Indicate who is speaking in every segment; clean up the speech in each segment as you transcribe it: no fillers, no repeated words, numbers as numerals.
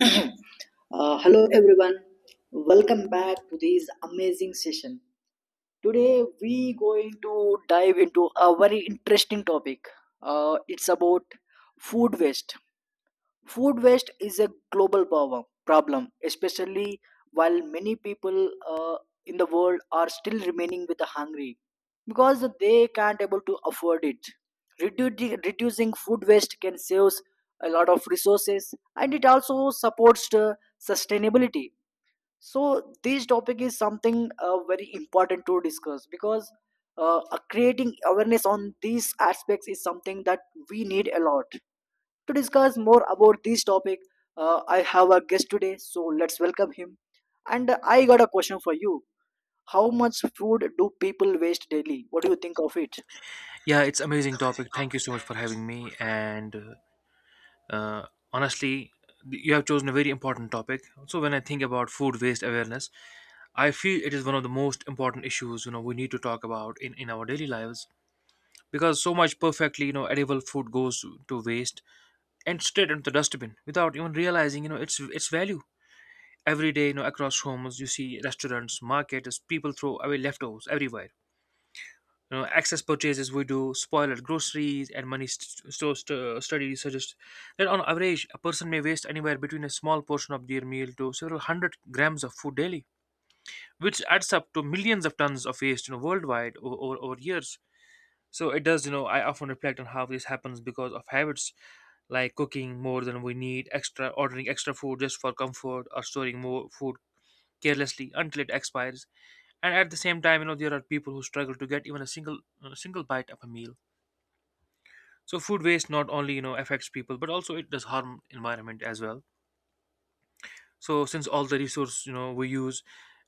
Speaker 1: Hello everyone, welcome back to this amazing session. Today we going to dive into a very interesting topic. It's about food waste. Food waste is a global problem especially while many people in the world are still remaining with the hungry because they can't able to afford it. Reducing food waste can save a lot of resources, and it also supports the sustainability. So this topic is something very important to discuss, because creating awareness on these aspects is something that we need a lot. To discuss more about this topic, I have a guest today, so let's welcome him. And I got a question for you. How much food do people waste daily? What do you think of it?
Speaker 2: Yeah, it's amazing topic. Thank you so much for having me. And uh, honestly, you have chosen a very important topic. So when I think about food waste awareness, I feel it is one of the most important issues we need to talk about in our daily lives because so much perfectly edible food goes to waste and straight into the dustbin without even realizing its value. Every day, across homes, you see restaurants, markets, people throw away leftovers everywhere. Excess purchases we do, spoiled groceries, and money st- store st- studies suggest that on average, a person may waste anywhere between a small portion of their meal to several hundred grams of food daily, which adds up to millions of tons of waste, worldwide over years. So it does. I often reflect on how this happens because of habits like cooking more than we need, extra ordering extra food just for comfort, or storing more food carelessly until it expires. And at the same time, there are people who struggle to get even a single bite of a meal. So food waste not only affects people, but also it does harm environment as well. So since all the resource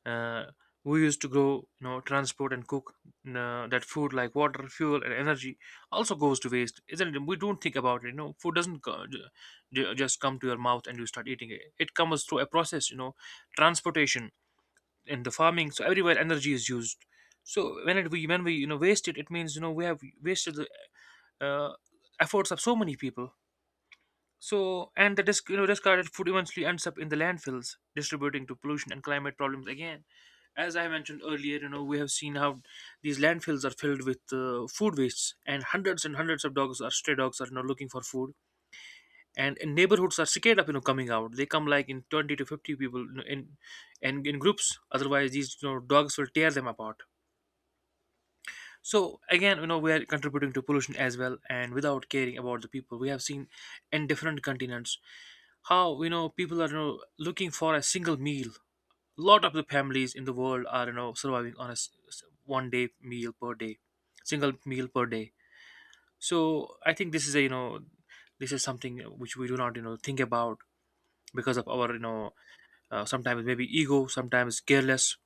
Speaker 2: uh, we use to grow, transport and cook that food like water, fuel, and energy also goes to waste, isn't it? We don't think about it. Food doesn't just come to your mouth and you start eating it. It comes through a process, transportation and the farming. So everywhere energy is used. So when we waste it, it means we have wasted the uh, efforts of so many people. So, and the discarded food eventually ends up in the landfills, distributing to pollution and climate problems again. As I mentioned earlier, we have seen how these landfills are filled with food wastes, and hundreds of dogs or stray dogs are looking for food. And in neighborhoods are scared of coming out. They come like in 20 to 50 people in groups. Otherwise, these dogs will tear them apart. So again, we are contributing to pollution as well, and without caring about the people, we have seen in different continents how people are looking for a single meal. A lot of the families in the world are surviving on a one day meal per day, single meal per day. So I think this is something which we do not think about because of our sometimes maybe ego, sometimes careless.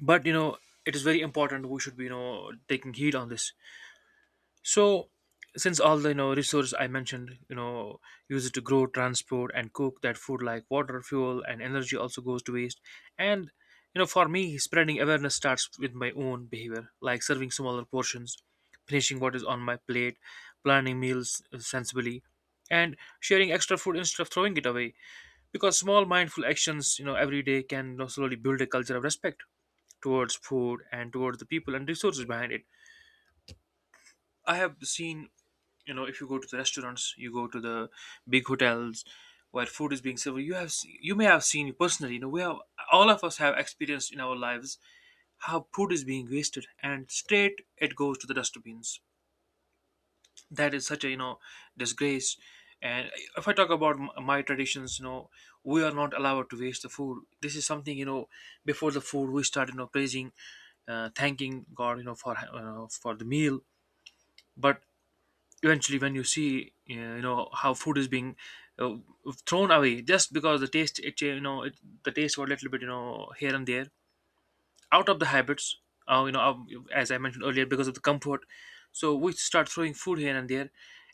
Speaker 2: But it is very important. We should be taking heed on this. So, since all the resource I mentioned, use it to grow, transport, and cook that food like water, fuel, and energy also goes to waste. And for me, spreading awareness starts with my own behavior, like serving smaller portions, finishing what is on my plate, planning meals sensibly, and sharing extra food instead of throwing it away. Because small mindful actions, every day can slowly build a culture of respect towards food and towards the people and resources behind it. I have seen if you go to the restaurants, you go to the big hotels where food is being served, you may have seen personally, we have all of us have experienced in our lives how food is being wasted and straight it goes to the dustbins. That is such a disgrace. And if I talk about my traditions, we are not allowed to waste the food. This is something, before the food we start praising thanking god for the meal. But eventually when you see how food is being uh, thrown away just because the taste it cha- you know it, the taste got a little bit, here and there, out of the habits, as I mentioned earlier, because of the comfort. So we start throwing food here and there.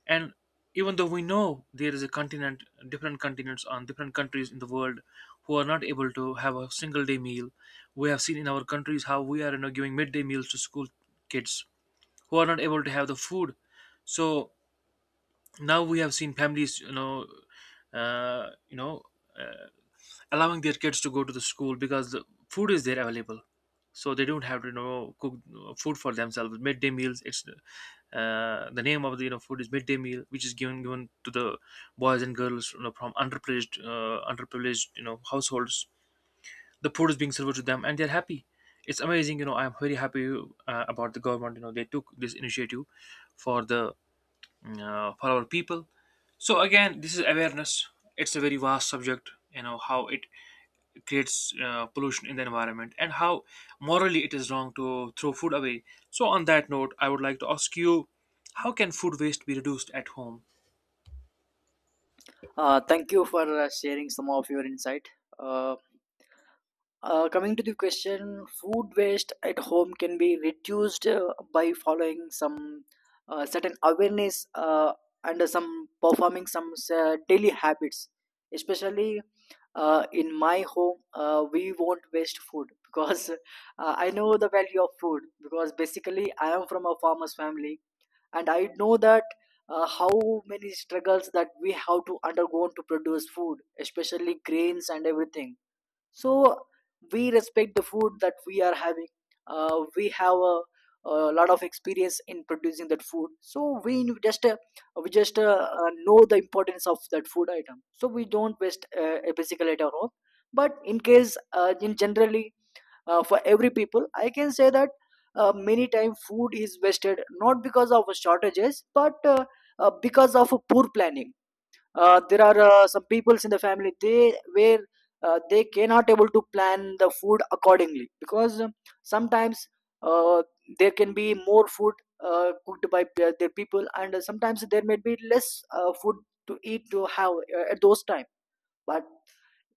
Speaker 2: And even though we know there is a continent different continents on different countries in the world who are not able to have a single day meal, we have seen in our countries how we are giving midday meals to school kids who are not able to have the food. So now we have seen families uh, you know uh, allowing their kids to go to the school because the food is there available, so they don't have to cook food for themselves. Midday meals, it's the name of the food is midday meal, which is given to the boys and girls from underprivileged households. The food is being served to them and they're happy. It's amazing. I'm very happy about the government. They took this initiative for the, for our people. So again, this is awareness. It's a very vast subject, how it creates pollution in the environment and how morally it is wrong to throw food away. So on that note, I would like to ask you, how can food waste be reduced at home?
Speaker 1: Thank you for sharing some of your insight. Uh, Coming to the question, food waste at home can be reduced by following some certain awareness and some performing some daily habits, especially in my home we won't waste food because I know the value of food, because basically I am from a farmer's family, and I know that how many struggles that we have to undergo to produce food, especially grains and everything. So we respect the food that we are having. We have a lot of experience in producing that food, so we knew- just we just know the importance of that food item, so we don't waste a basically at our home. But in case, in generally, for every people I can say that many times food is wasted not because of shortages, but because of poor planning. There are some peoples in the family they where they cannot able to plan the food accordingly, because sometimes uh, there can be more food cooked by their people, and sometimes there may be less food to eat to have at those time. But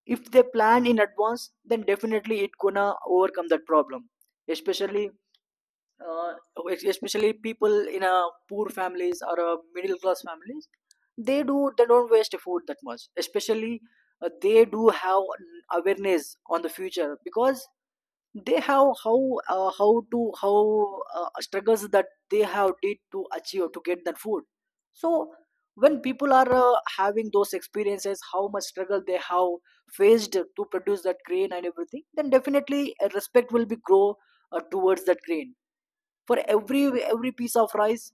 Speaker 1: if they plan in advance, then definitely it gonna overcome that problem. Especially uh, especially people in a poor families or a middle class families, they do they don't waste food that much. Especially they do have an awareness on the future, because they have how to how struggles that they have did to achieve to get that food. So when people are having those experiences how much struggle they have faced to produce that grain and everything, then definitely a respect will be grow towards that grain. For every piece of rice,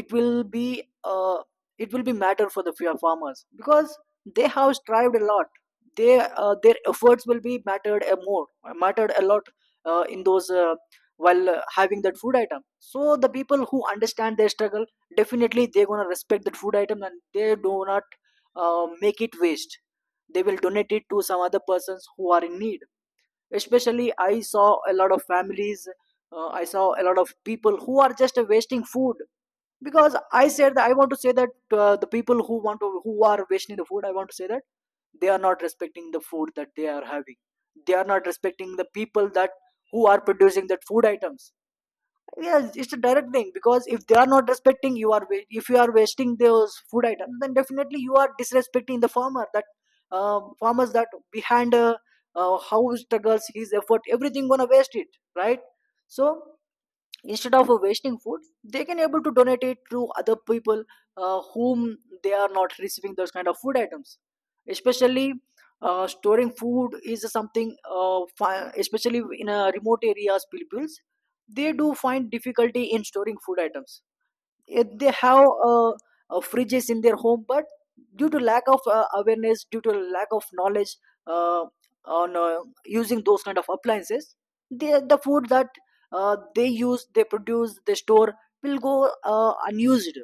Speaker 1: it will be uh, it will be matter for the farmers, because they have strived a lot. They their efforts will be mattered a more mattered a lot in those while having that food item. So the people who understand their struggle, definitely they're going to respect that food item, and they do not make it waste. They will donate it to some other persons who are in need. Especially I saw a lot of families, I saw a lot of people who are just wasting food. Because I said that I want to say that the people who want to who are wasting the food, I want to say that they are not respecting the food that they are having. They are not respecting the people that who are producing that food items. Yes, it's a direct thing, because if they are not respecting, you are if you are wasting those food items, then definitely you are disrespecting the farmer. That farmers that behind how he struggles, his effort, everything gonna waste it, right? So instead of wasting food, they can able to donate it to other people whom they are not receiving those kind of food items. Especially storing food is something especially in remote areas peoples, they do find difficulty in storing food items. They have fridges in their home, but due to lack of awareness, due to lack of knowledge uh, on using those kind of appliances, they, the food that they use, they produce, they store will go unused.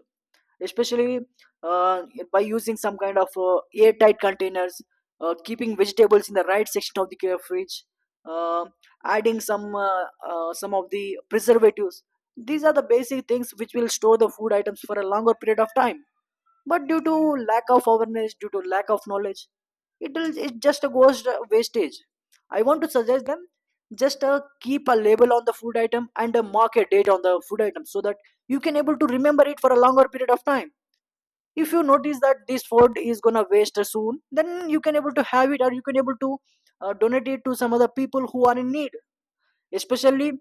Speaker 1: Especially uh, by using some kind of airtight containers, keeping vegetables in the right section of the fridge, uh, adding some of the preservatives. These are the basic things which will store the food items for a longer period of time. But due to lack of awareness, due to lack of knowledge, it will it just goes wastage. I want to suggest them, just keep a label on the food item and a market date on the food item, so that you can able to remember it for a longer period of time. If you notice that this food is gonna waste soon, then you can able to have it, or you can able to donate it to some other people who are in need. Especially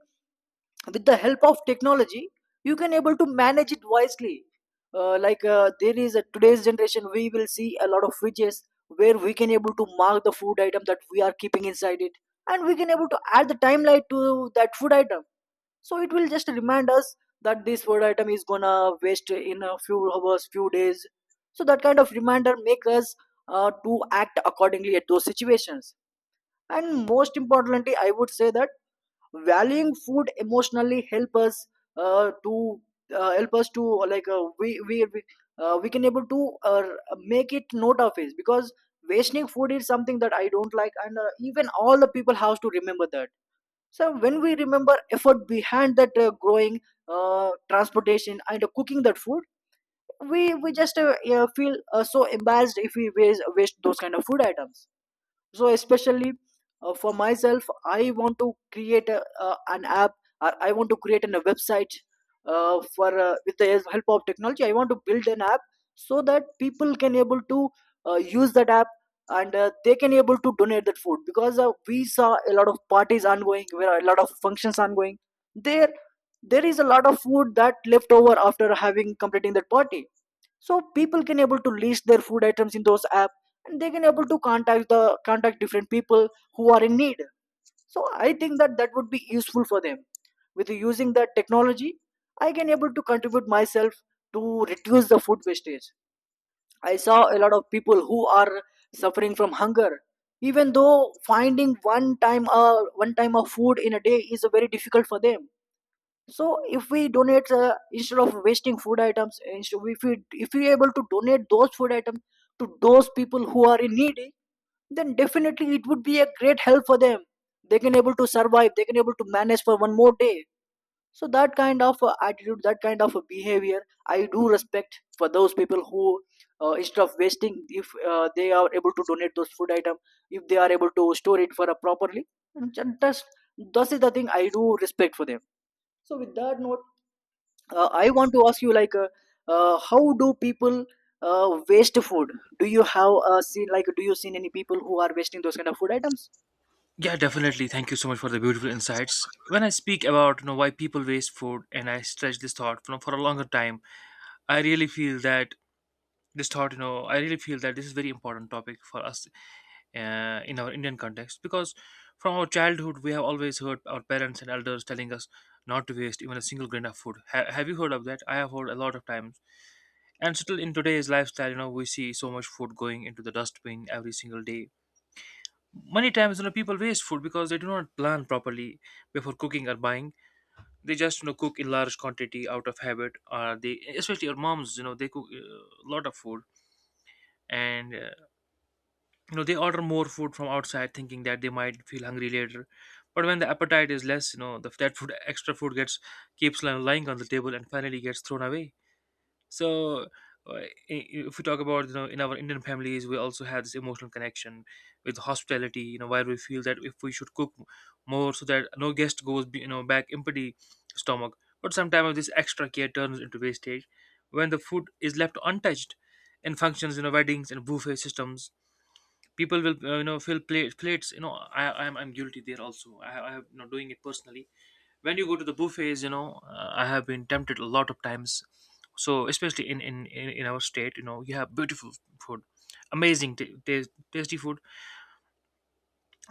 Speaker 1: with the help of technology, you can able to manage it wisely. Like there is a today's generation, we will see a lot of fridges where we can able to mark the food item that we are keeping inside it, and we can able to add the timeline to that food item, so it will just remind us that this food item is gonna waste in a few hours few days. So that kind of reminder make us to act accordingly at those situations. And most importantly, I would say that valuing food emotionally help us to help us to like we can able to make it note of it, because wasting food is something that I don't like, and even all the people have to remember that. So when we remember effort behind that growing transportation and cooking that food, we just yeah, feel so embarrassed if we waste those kind of food items. So especially for myself, I want to create an app, or I want to create a website for with the help of technology I want to build an app, so that people can able to use that app, and they can able to donate that food. Because we saw a lot of parties ongoing, where a lot of functions ongoing, there there is a lot of food that left over after having completing that party. So people can able to list their food items in those app, and they can able to contact different people who are in need. So I think that that would be useful for them. With using that technology, I can able to contribute myself to reduce the food wastage. I saw a lot of people who are suffering from hunger, even though finding one time a one time of food in a day is very difficult for them. So if we donate instead of wasting food items, instead if we able to donate those food items to those people who are in need, then definitely it would be a great help for them. They can able to survive, they can able to manage for one more day. So that kind of attitude, that kind of behavior, I do respect for those people who instead of wasting, if they are able to donate those food item, if they are able to store it for a properly, just that is the thing I do respect for them. So with that note, I want to ask you, like how do people waste food? Do you have seen, like do you seen any people who are wasting those kind of food items?
Speaker 2: Yeah, definitely, thank you so much for the beautiful insights. When I speak about, why people waste food, and I stretch this thought, for a longer time, I really feel that this thought. I really feel that this is very important topic for us, in our Indian context, because from our childhood we have always heard our parents and elders telling us not to waste even a single grain of food. Ha- have you heard of that? I have heard a lot of times. And still in today's lifestyle, we see so much food going into the dustbin every single day. Many times, people waste food because they do not plan properly before cooking or buying. They just, cook in large quantity out of habit, or they especially our moms, they cook a lot of food, and they order more food from outside thinking that they might feel hungry later. But when the appetite is less, that food extra food gets keeps li- lying on the table and finally gets thrown away. So if we talk about, in our Indian families, we also have this emotional connection with hospitality, where we feel that if we should cook more so that no guest goes, back empty stomach. But sometimes this extra care turns into wastage when the food is left untouched in functions, weddings and buffet systems, people will fill plates. I'm guilty there also. I have not doing it personally. When you go to the buffets, I have been tempted a lot of times. So especially in our state, you have beautiful food, amazing tasty food.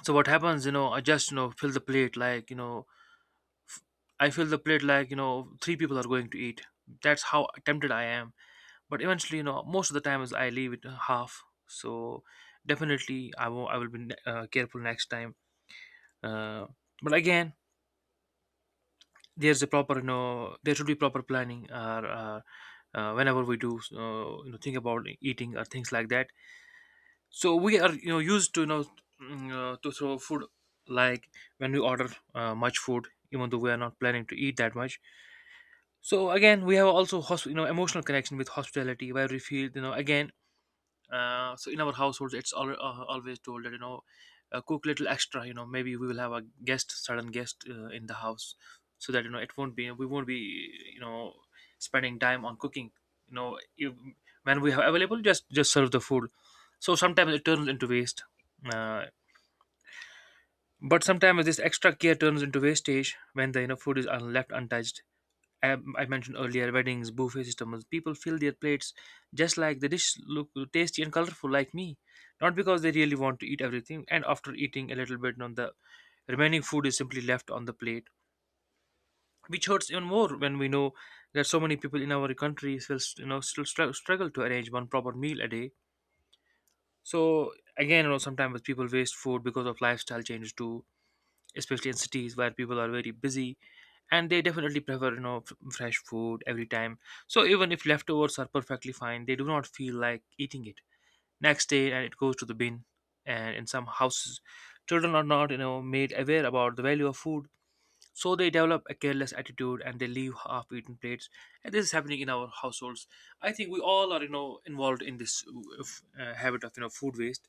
Speaker 2: So what happens, I just fill the plate like, f- I fill the plate like three people are going to eat. That's how tempted I am. But eventually, most of the times I leave it half. So definitely I will be careful next time. uh, but again, there's a proper you know there should be proper planning, or whenever we do think about eating or things like that. So we are, used to throw food, like when we order much food even though we are not planning to eat that much. So again, we have also emotional connection with hospitality where we feel, again, so in our households it's always told that, cook little extra, maybe we will have a guest in the house, so that, it won't be we won't be, spending time on cooking. you know you, when we have available, just serve the food. So sometimes it turns into waste. uh, but sometimes this extra care turns into wastage when the food is left untouched. I mentioned earlier, weddings, buffet systems, people fill their plates just like the dish look tasty and colorful like me, not because they really want to eat everything. And after eating a little bit, on the remaining food is simply left on the plate, which hurts even more when we know that so many people in our country still, still struggle to arrange one proper meal a day. So again, sometimes people waste food because of lifestyle changes too, especially in cities where people are very busy, and they definitely prefer fresh food every time. So even if leftovers are perfectly fine, they do not feel like eating it next day and it goes to the bin. And in some houses, children are not made aware about the value of food, so they develop a careless attitude and they leave half eaten plates. And this is happening in our households. I think we all are involved in this habit of food waste.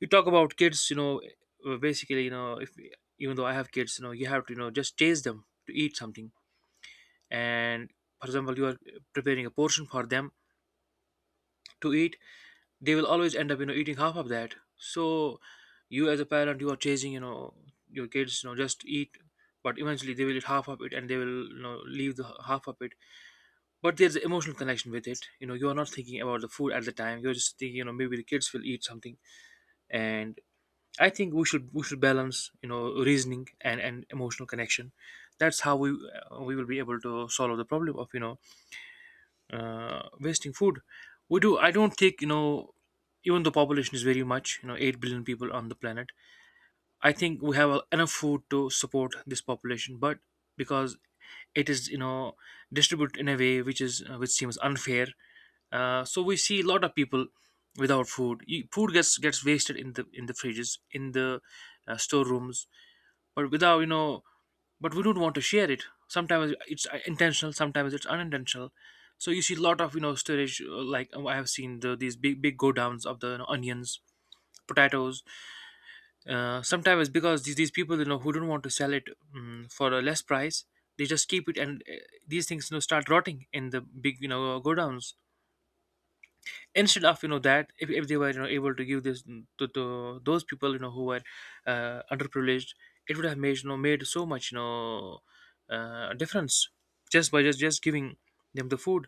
Speaker 2: You talk about kids, basically, if even though I have kids, you have to just chase them to eat something. And for example, you are preparing a portion for them to eat. They will always end up eating half of that. So you as a parent, you are chasing, your kids, just eat. But eventually they will eat half of it and they will leave the half of it. But there's an emotional connection with it. You are not thinking about the food at the time, you're just thinking, maybe the kids will eat something. And I think we should balance, reasoning and emotional connection. That's how we will be able to solve the problem of wasting food. We do. I don't think, even though population is very much, you know, 8 billion people on the planet. I think we have enough food to support this population, but because it is distributed in a way which is which seems unfair. So we see a lot of people without food. You, food gets wasted in the fridges, in the storerooms, but without you know but we don't want to share it. Sometimes it's intentional, sometimes it's unintentional. So you see a lot of storage, like I have seen the, these big big go downs of the, onions, potatoes. Sometimes because these people who don't want to sell it for a less price, they just keep it, and these things start rotting in the big go downs, instead of that if they were able to give this to those people who were underprivileged, it would have made made so much difference just by just giving them the food.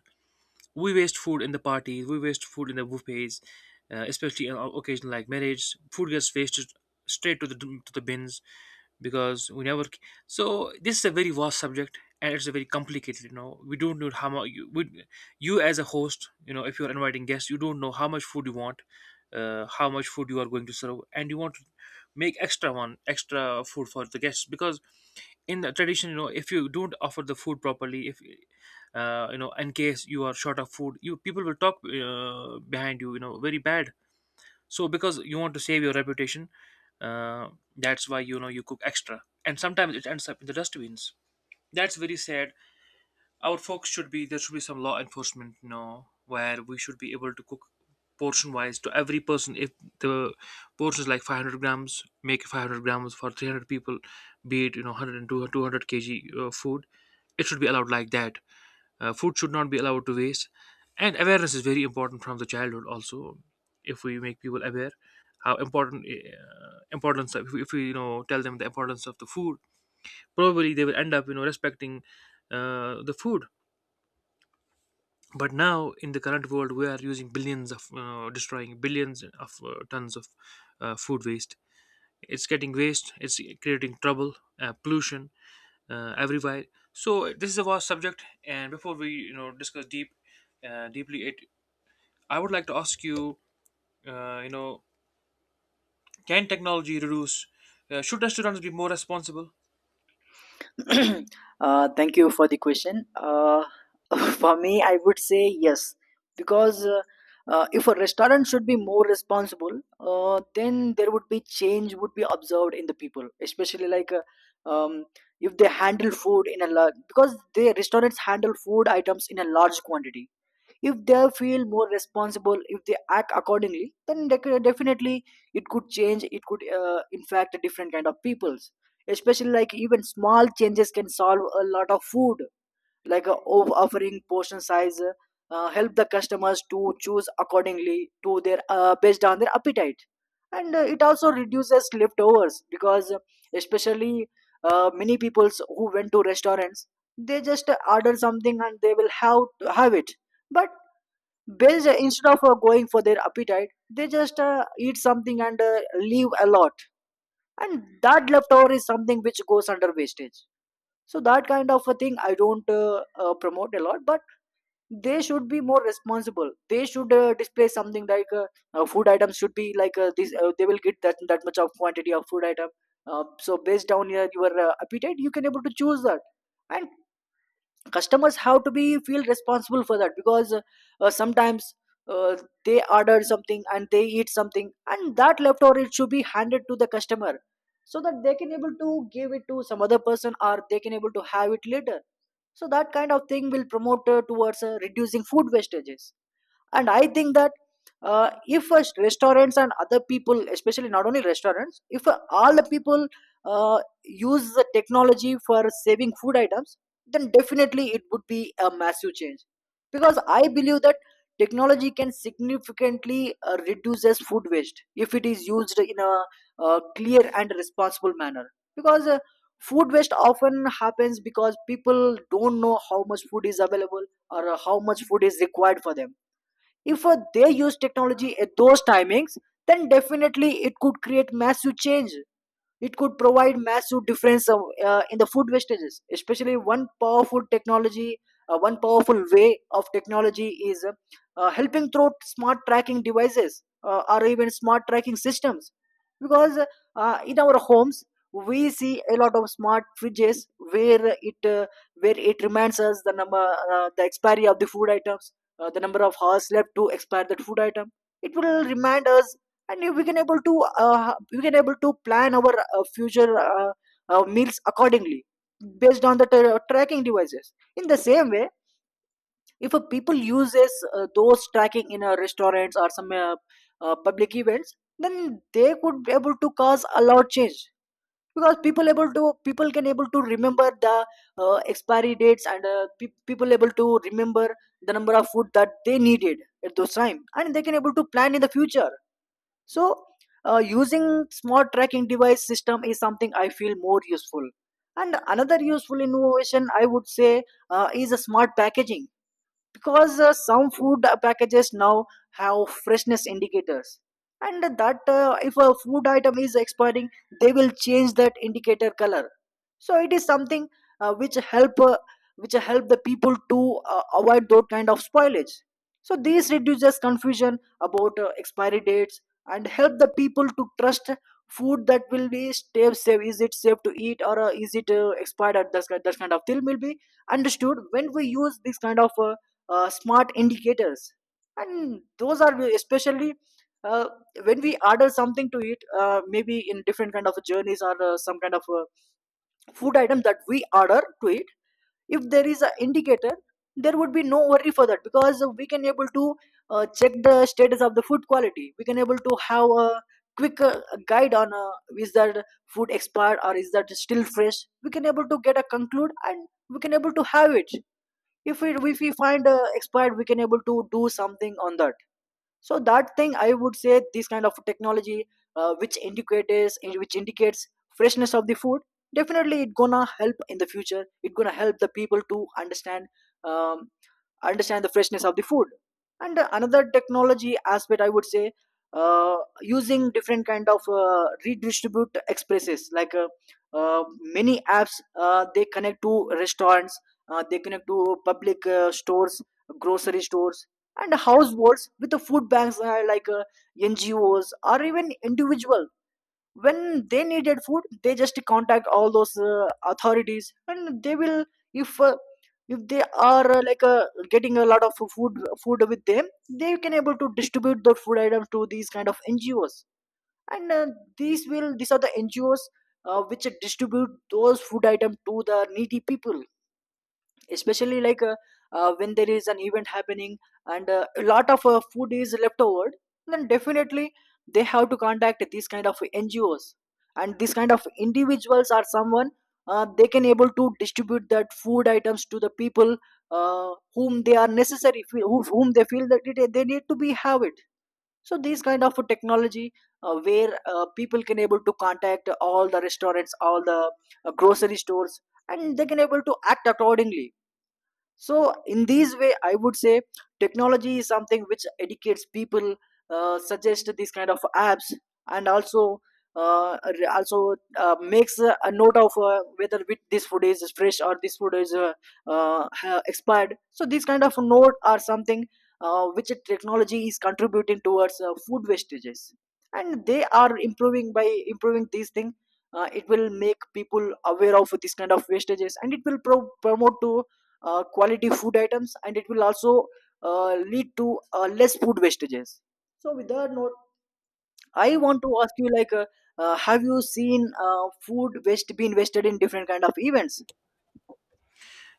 Speaker 2: We waste food in the parties, we waste food in the buffets, especially on occasion like marriage, food gets wasted straight to the bins, because we never. So this is a very vast subject, and it's a very complicated. We don't know how much you would, you as a host, if you're inviting guests, you don't know how much food you want, how much food you are going to serve, and you want to make extra one extra food for the guests, because in the tradition, if you don't offer the food properly, if in case you are short of food, you people will talk behind you, you know very bad. So because you want to save your reputation, uh, that's why you cook extra and sometimes it ends up in the dustbins. That's very sad. Our folks should be, there should be some law enforcement, where we should be able to cook portion wise to every person. If the portion is like 500 grams, make 500 grams for 300 people, be it 100 200 kg food. It should be allowed like that. Food should not be allowed to waste, and awareness is very important from the childhood. Also, if we make people aware how important importance of, if we tell them the importance of the food, probably they will end up respecting the food. But now in the current world, we are using billions of destroying billions of tons of food waste. It's getting waste. It's creating trouble, pollution everywhere. So this is a vast subject, and before we discuss deep, deeply it, I would like to ask you, uh, you know, can technology reduce? Should restaurants be more responsible?
Speaker 1: Thank you for the question. For me, I would say yes, because if a restaurant should be more responsible, then there would be change would be observed in the people. Especially like um, if they handle food in a large, because they restaurants handle food items in a large quantity. If they feel more responsible, if they act accordingly, then definitely it could change. It could, in fact, different kind of peoples. Especially like even small changes can solve a lot of food, like offering portion size, help the customers to choose accordingly to their based on their appetite, and it also reduces leftovers because especially many peoples who went to restaurants they just order something and they will have it. But based instead of going for their appetite they just eat something and leave a lot, and that leftover is something which goes under wastage. So that kind of a thing I don't promote a lot, but they should be more responsible. They should display something like food items should be like this, they will get that much of quantity of food item. Uh, so based on your appetite you can able to choose that. And customers have to be feel responsible for that because sometimes uh, they ordered something and they eat something, and that leftover it should be handed to the customer so that they can able to give it to some other person, or they can able to have it later. So that kind of thing will promote towards reducing food wastages. And I think that if restaurants and other people, especially not only restaurants, if all the people uh, use the technology for saving food items, then definitely it would be a massive change. Because I believe that technology can significantly reduces food waste if it is used in a clear and responsible manner. Because food waste often happens because people don't know how much food is available, or how much food is required for them. If they use technology at those timings, then definitely it could create massive change. It could provide massive difference in the food wastages. Especially one powerful technology, one powerful way of technology is helping through smart tracking devices or even smart tracking systems. Because in our homes, we see a lot of smart fridges where it reminds us the number the expiry of the food items, the number of hours left to expire that food item. It will remind us, and we can able to plan our future meals accordingly based on the tracking devices. In the same way, if a people uses those tracking in restaurants or some public events, then they could be able to cause a lot change, because people can able to remember the expiry dates, and people able to remember the number of food that they needed at those time, and they can able to plan in the future. So using smart tracking device system is something I feel more useful. And another useful innovation I would say is a smart packaging, because some food packages now have freshness indicators. And that if a food item is expiring, they will change that indicator color. So it is something uh, which help uh, which help the people to avoid those kind of spoilage. So this reduces confusion about expiry dates, and help the people to trust food that will be stay safe. Is it safe to eat, or is it expired? That kind of thing will be understood when we use this kind of smart indicators. And those are especially uh, when we order something to eat, maybe in different kind of journeys, or some kind of food item that we order to eat. If there is an indicator, there would be no worry for that, because we can able to check the status of the food quality. We can able to have a quick guide on is that food expired, or is that still fresh. We can able to get a conclude and we can able to have it. If we if we find a expert, we can able to do something on that. So that thing I would say this kind of technology uh, which indicates which indicates freshness of the food, definitely it gonna help in the future. It gonna help the people to understand um, understand the freshness of the food. And another technology aspect I would say uh, using different kind of redistribute expresses, like uh, many apps, they connect to restaurants, they connect to public stores, grocery stores, and households with the food banks, like ngos or even individuals. When they needed food they just contact all those authorities, and they will, if uh, if they are like getting a lot of food with them, they can able to distribute the food items to these kind of ngos. And these are the ngos which distribute those food items to the needy people. Especially like when there is an event happening, and a lot of food is left over, then definitely they have to contact these kind of ngos. And these kind of individuals are someone they can able to distribute that food items to the people whom they are necessary fe- who, whom they feel that it, they need to be have it. So these kind of technology where people can able to contact all the restaurants, all the grocery stores, and they can able to act accordingly. So in these way, I would say technology is something which educates people, suggest these kind of apps, and also makes a note of whether with this food is fresh or this food is expired. So these kind of note are something which technology is contributing towards food wastages, and they are improving by improving these things. It will make people aware of this kind of wastages, and it will promote to quality food items, and it will also lead to less food wastages. So with that note I want to ask you like have you seen food waste being wasted in different kind of events?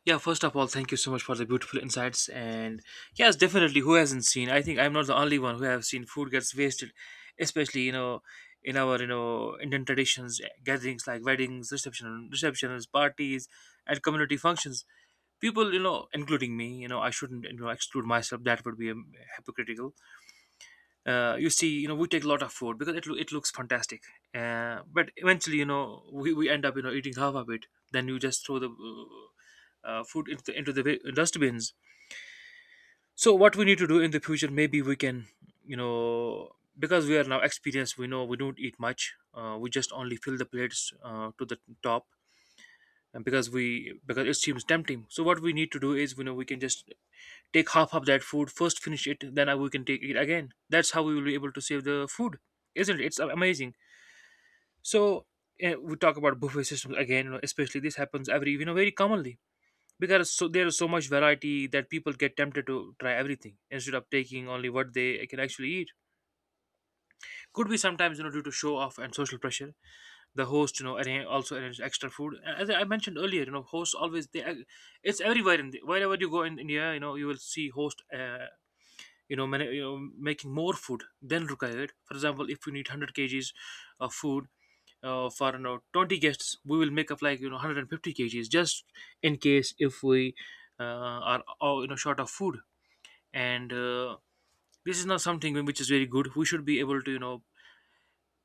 Speaker 2: Yeah, first of all, thank you so much for the beautiful insights. And yes, definitely, who hasn't seen? I think I'm not the only one who have seen food gets wasted, especially in our Indian traditions, gatherings like weddings, reception, receptions, parties, and community functions. People, including me, I shouldn't exclude myself. That would be hypocritical. You see, we take a lot of food because it, it looks fantastic. But eventually, we end up eating half of it, then you just throw the food into the dustbins. So what we need to do in the future, maybe we can, you know because we are now experienced, we know we don't eat much. We just only fill the plates to the top, and because we, because it seems tempting. So what we need to do is, we can just take half of that food first, finish it, then we can take it again. That's how we will be able to save the food. Isn't it? It's amazing. So we talk about buffet systems again, especially this happens every, very commonly, because so there is so much variety that people get tempted to try everything instead of taking only what they can actually eat. Could be sometimes, due to show off and social pressure. The host, arrange, also arranges extra food. And as I mentioned earlier, hosts always they it's everywhere in the, wherever you go in India, you will see host many, making more food than required. For example, if we need 100 kgs of food for 20 guests, we will make up like 150 kgs, just in case if we are short of food. And this is not something which is very good. We should be able to,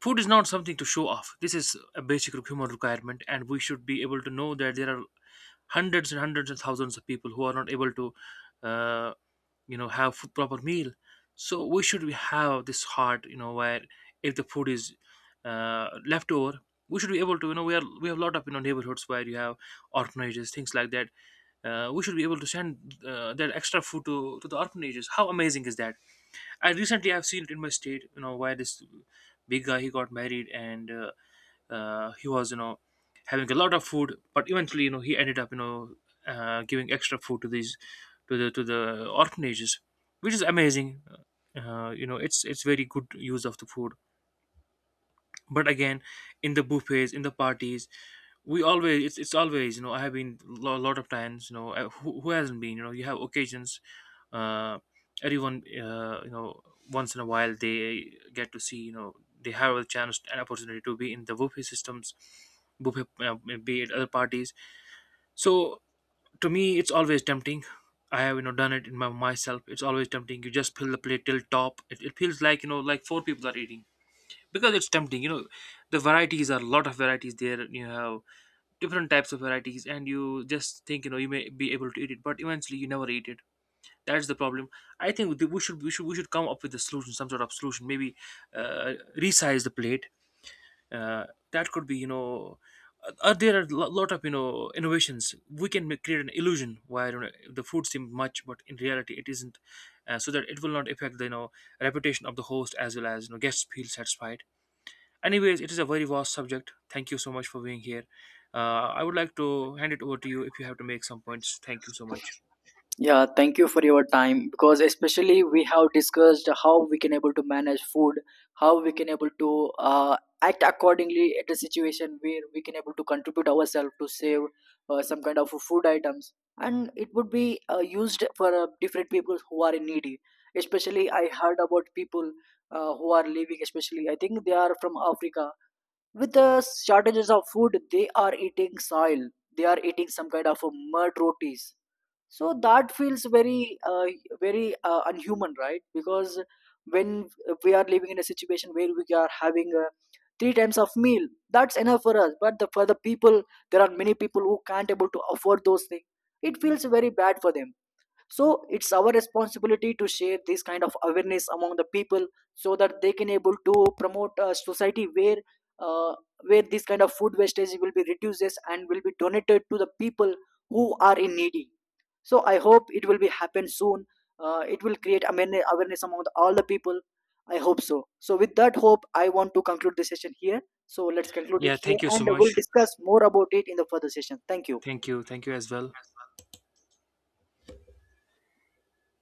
Speaker 2: food is not something to show off. This is a basic human requirement, and we should be able to know that there are hundreds and hundreds and thousands of people who are not able to, uh, have food, proper meal. So we should be have this heart, where if the food is left over, we should be able to, we are, we have a lot of neighborhoods where you have orphanages, things like that. We should be able to send that extra food to the orphanages. How amazing is that? I recently, I've seen it in my state. You know where this big guy, he got married, and he was having a lot of food, but eventually, he ended up giving extra food to these to the orphanages, which is amazing. You know, it's very good use of the food. But again, in the buffets, in the parties, we always, it's always, I have been a lot of times, who hasn't been, you have occasions, uh, everyone, once in a while they get to see, they have a chance, an opportunity to be in the buffet systems, buffet, be it other parties. So to me, it's always tempting. I have, done it in my myself. It's always tempting. You just fill the plate till top. It feels like, like four people are eating, because it's tempting. The varieties are, a lot of varieties there, you have different types of varieties, and you just think, you may be able to eat it, but eventually you never eat it. That's the problem. I think that we should come up with a solution, some sort of solution. Maybe resize the plate uh, that could be, there are a lot of innovations we can make, create an illusion where, the food seems much but in reality it isn't. So that it will not affect the, reputation of the host as well as, guests feel satisfied. Anyways, it is a very vast subject. Thank you so much for being here. I would like to hand it over to you if you have to make some points. Thank you so much.
Speaker 1: Yeah, thank you for your time, because especially we have discussed how we can able to manage food, how we can able to act accordingly at a situation where we can able to contribute ourselves to save some kind of food items, and it would be used for different people who are needy. Especially, I heard about people who are living, especially I think they are from Africa, with the shortages of food. They are eating soil. They are eating some kind of mud rotis. So that feels very very unhuman, right? Because when we are living in a situation where we are having three times of meal, that's enough for us, but the, for the people, there are many people who can't able to afford those things. It feels very bad for them. So it's our responsibility to share this kind of awareness among the people, so that they can able to promote a society uh, where this kind of food wastage will be reduced and will be donated to the people who are in needy. So I hope it will be happen soon. It will create awareness among the, all the people, I hope so. So with that hope I want to conclude this session here. So let's conclude it
Speaker 2: Yeah,
Speaker 1: here
Speaker 2: thank you so
Speaker 1: and
Speaker 2: much.
Speaker 1: we'll discuss more about it in the further session. Thank you.
Speaker 2: Thank you. Thank you as well.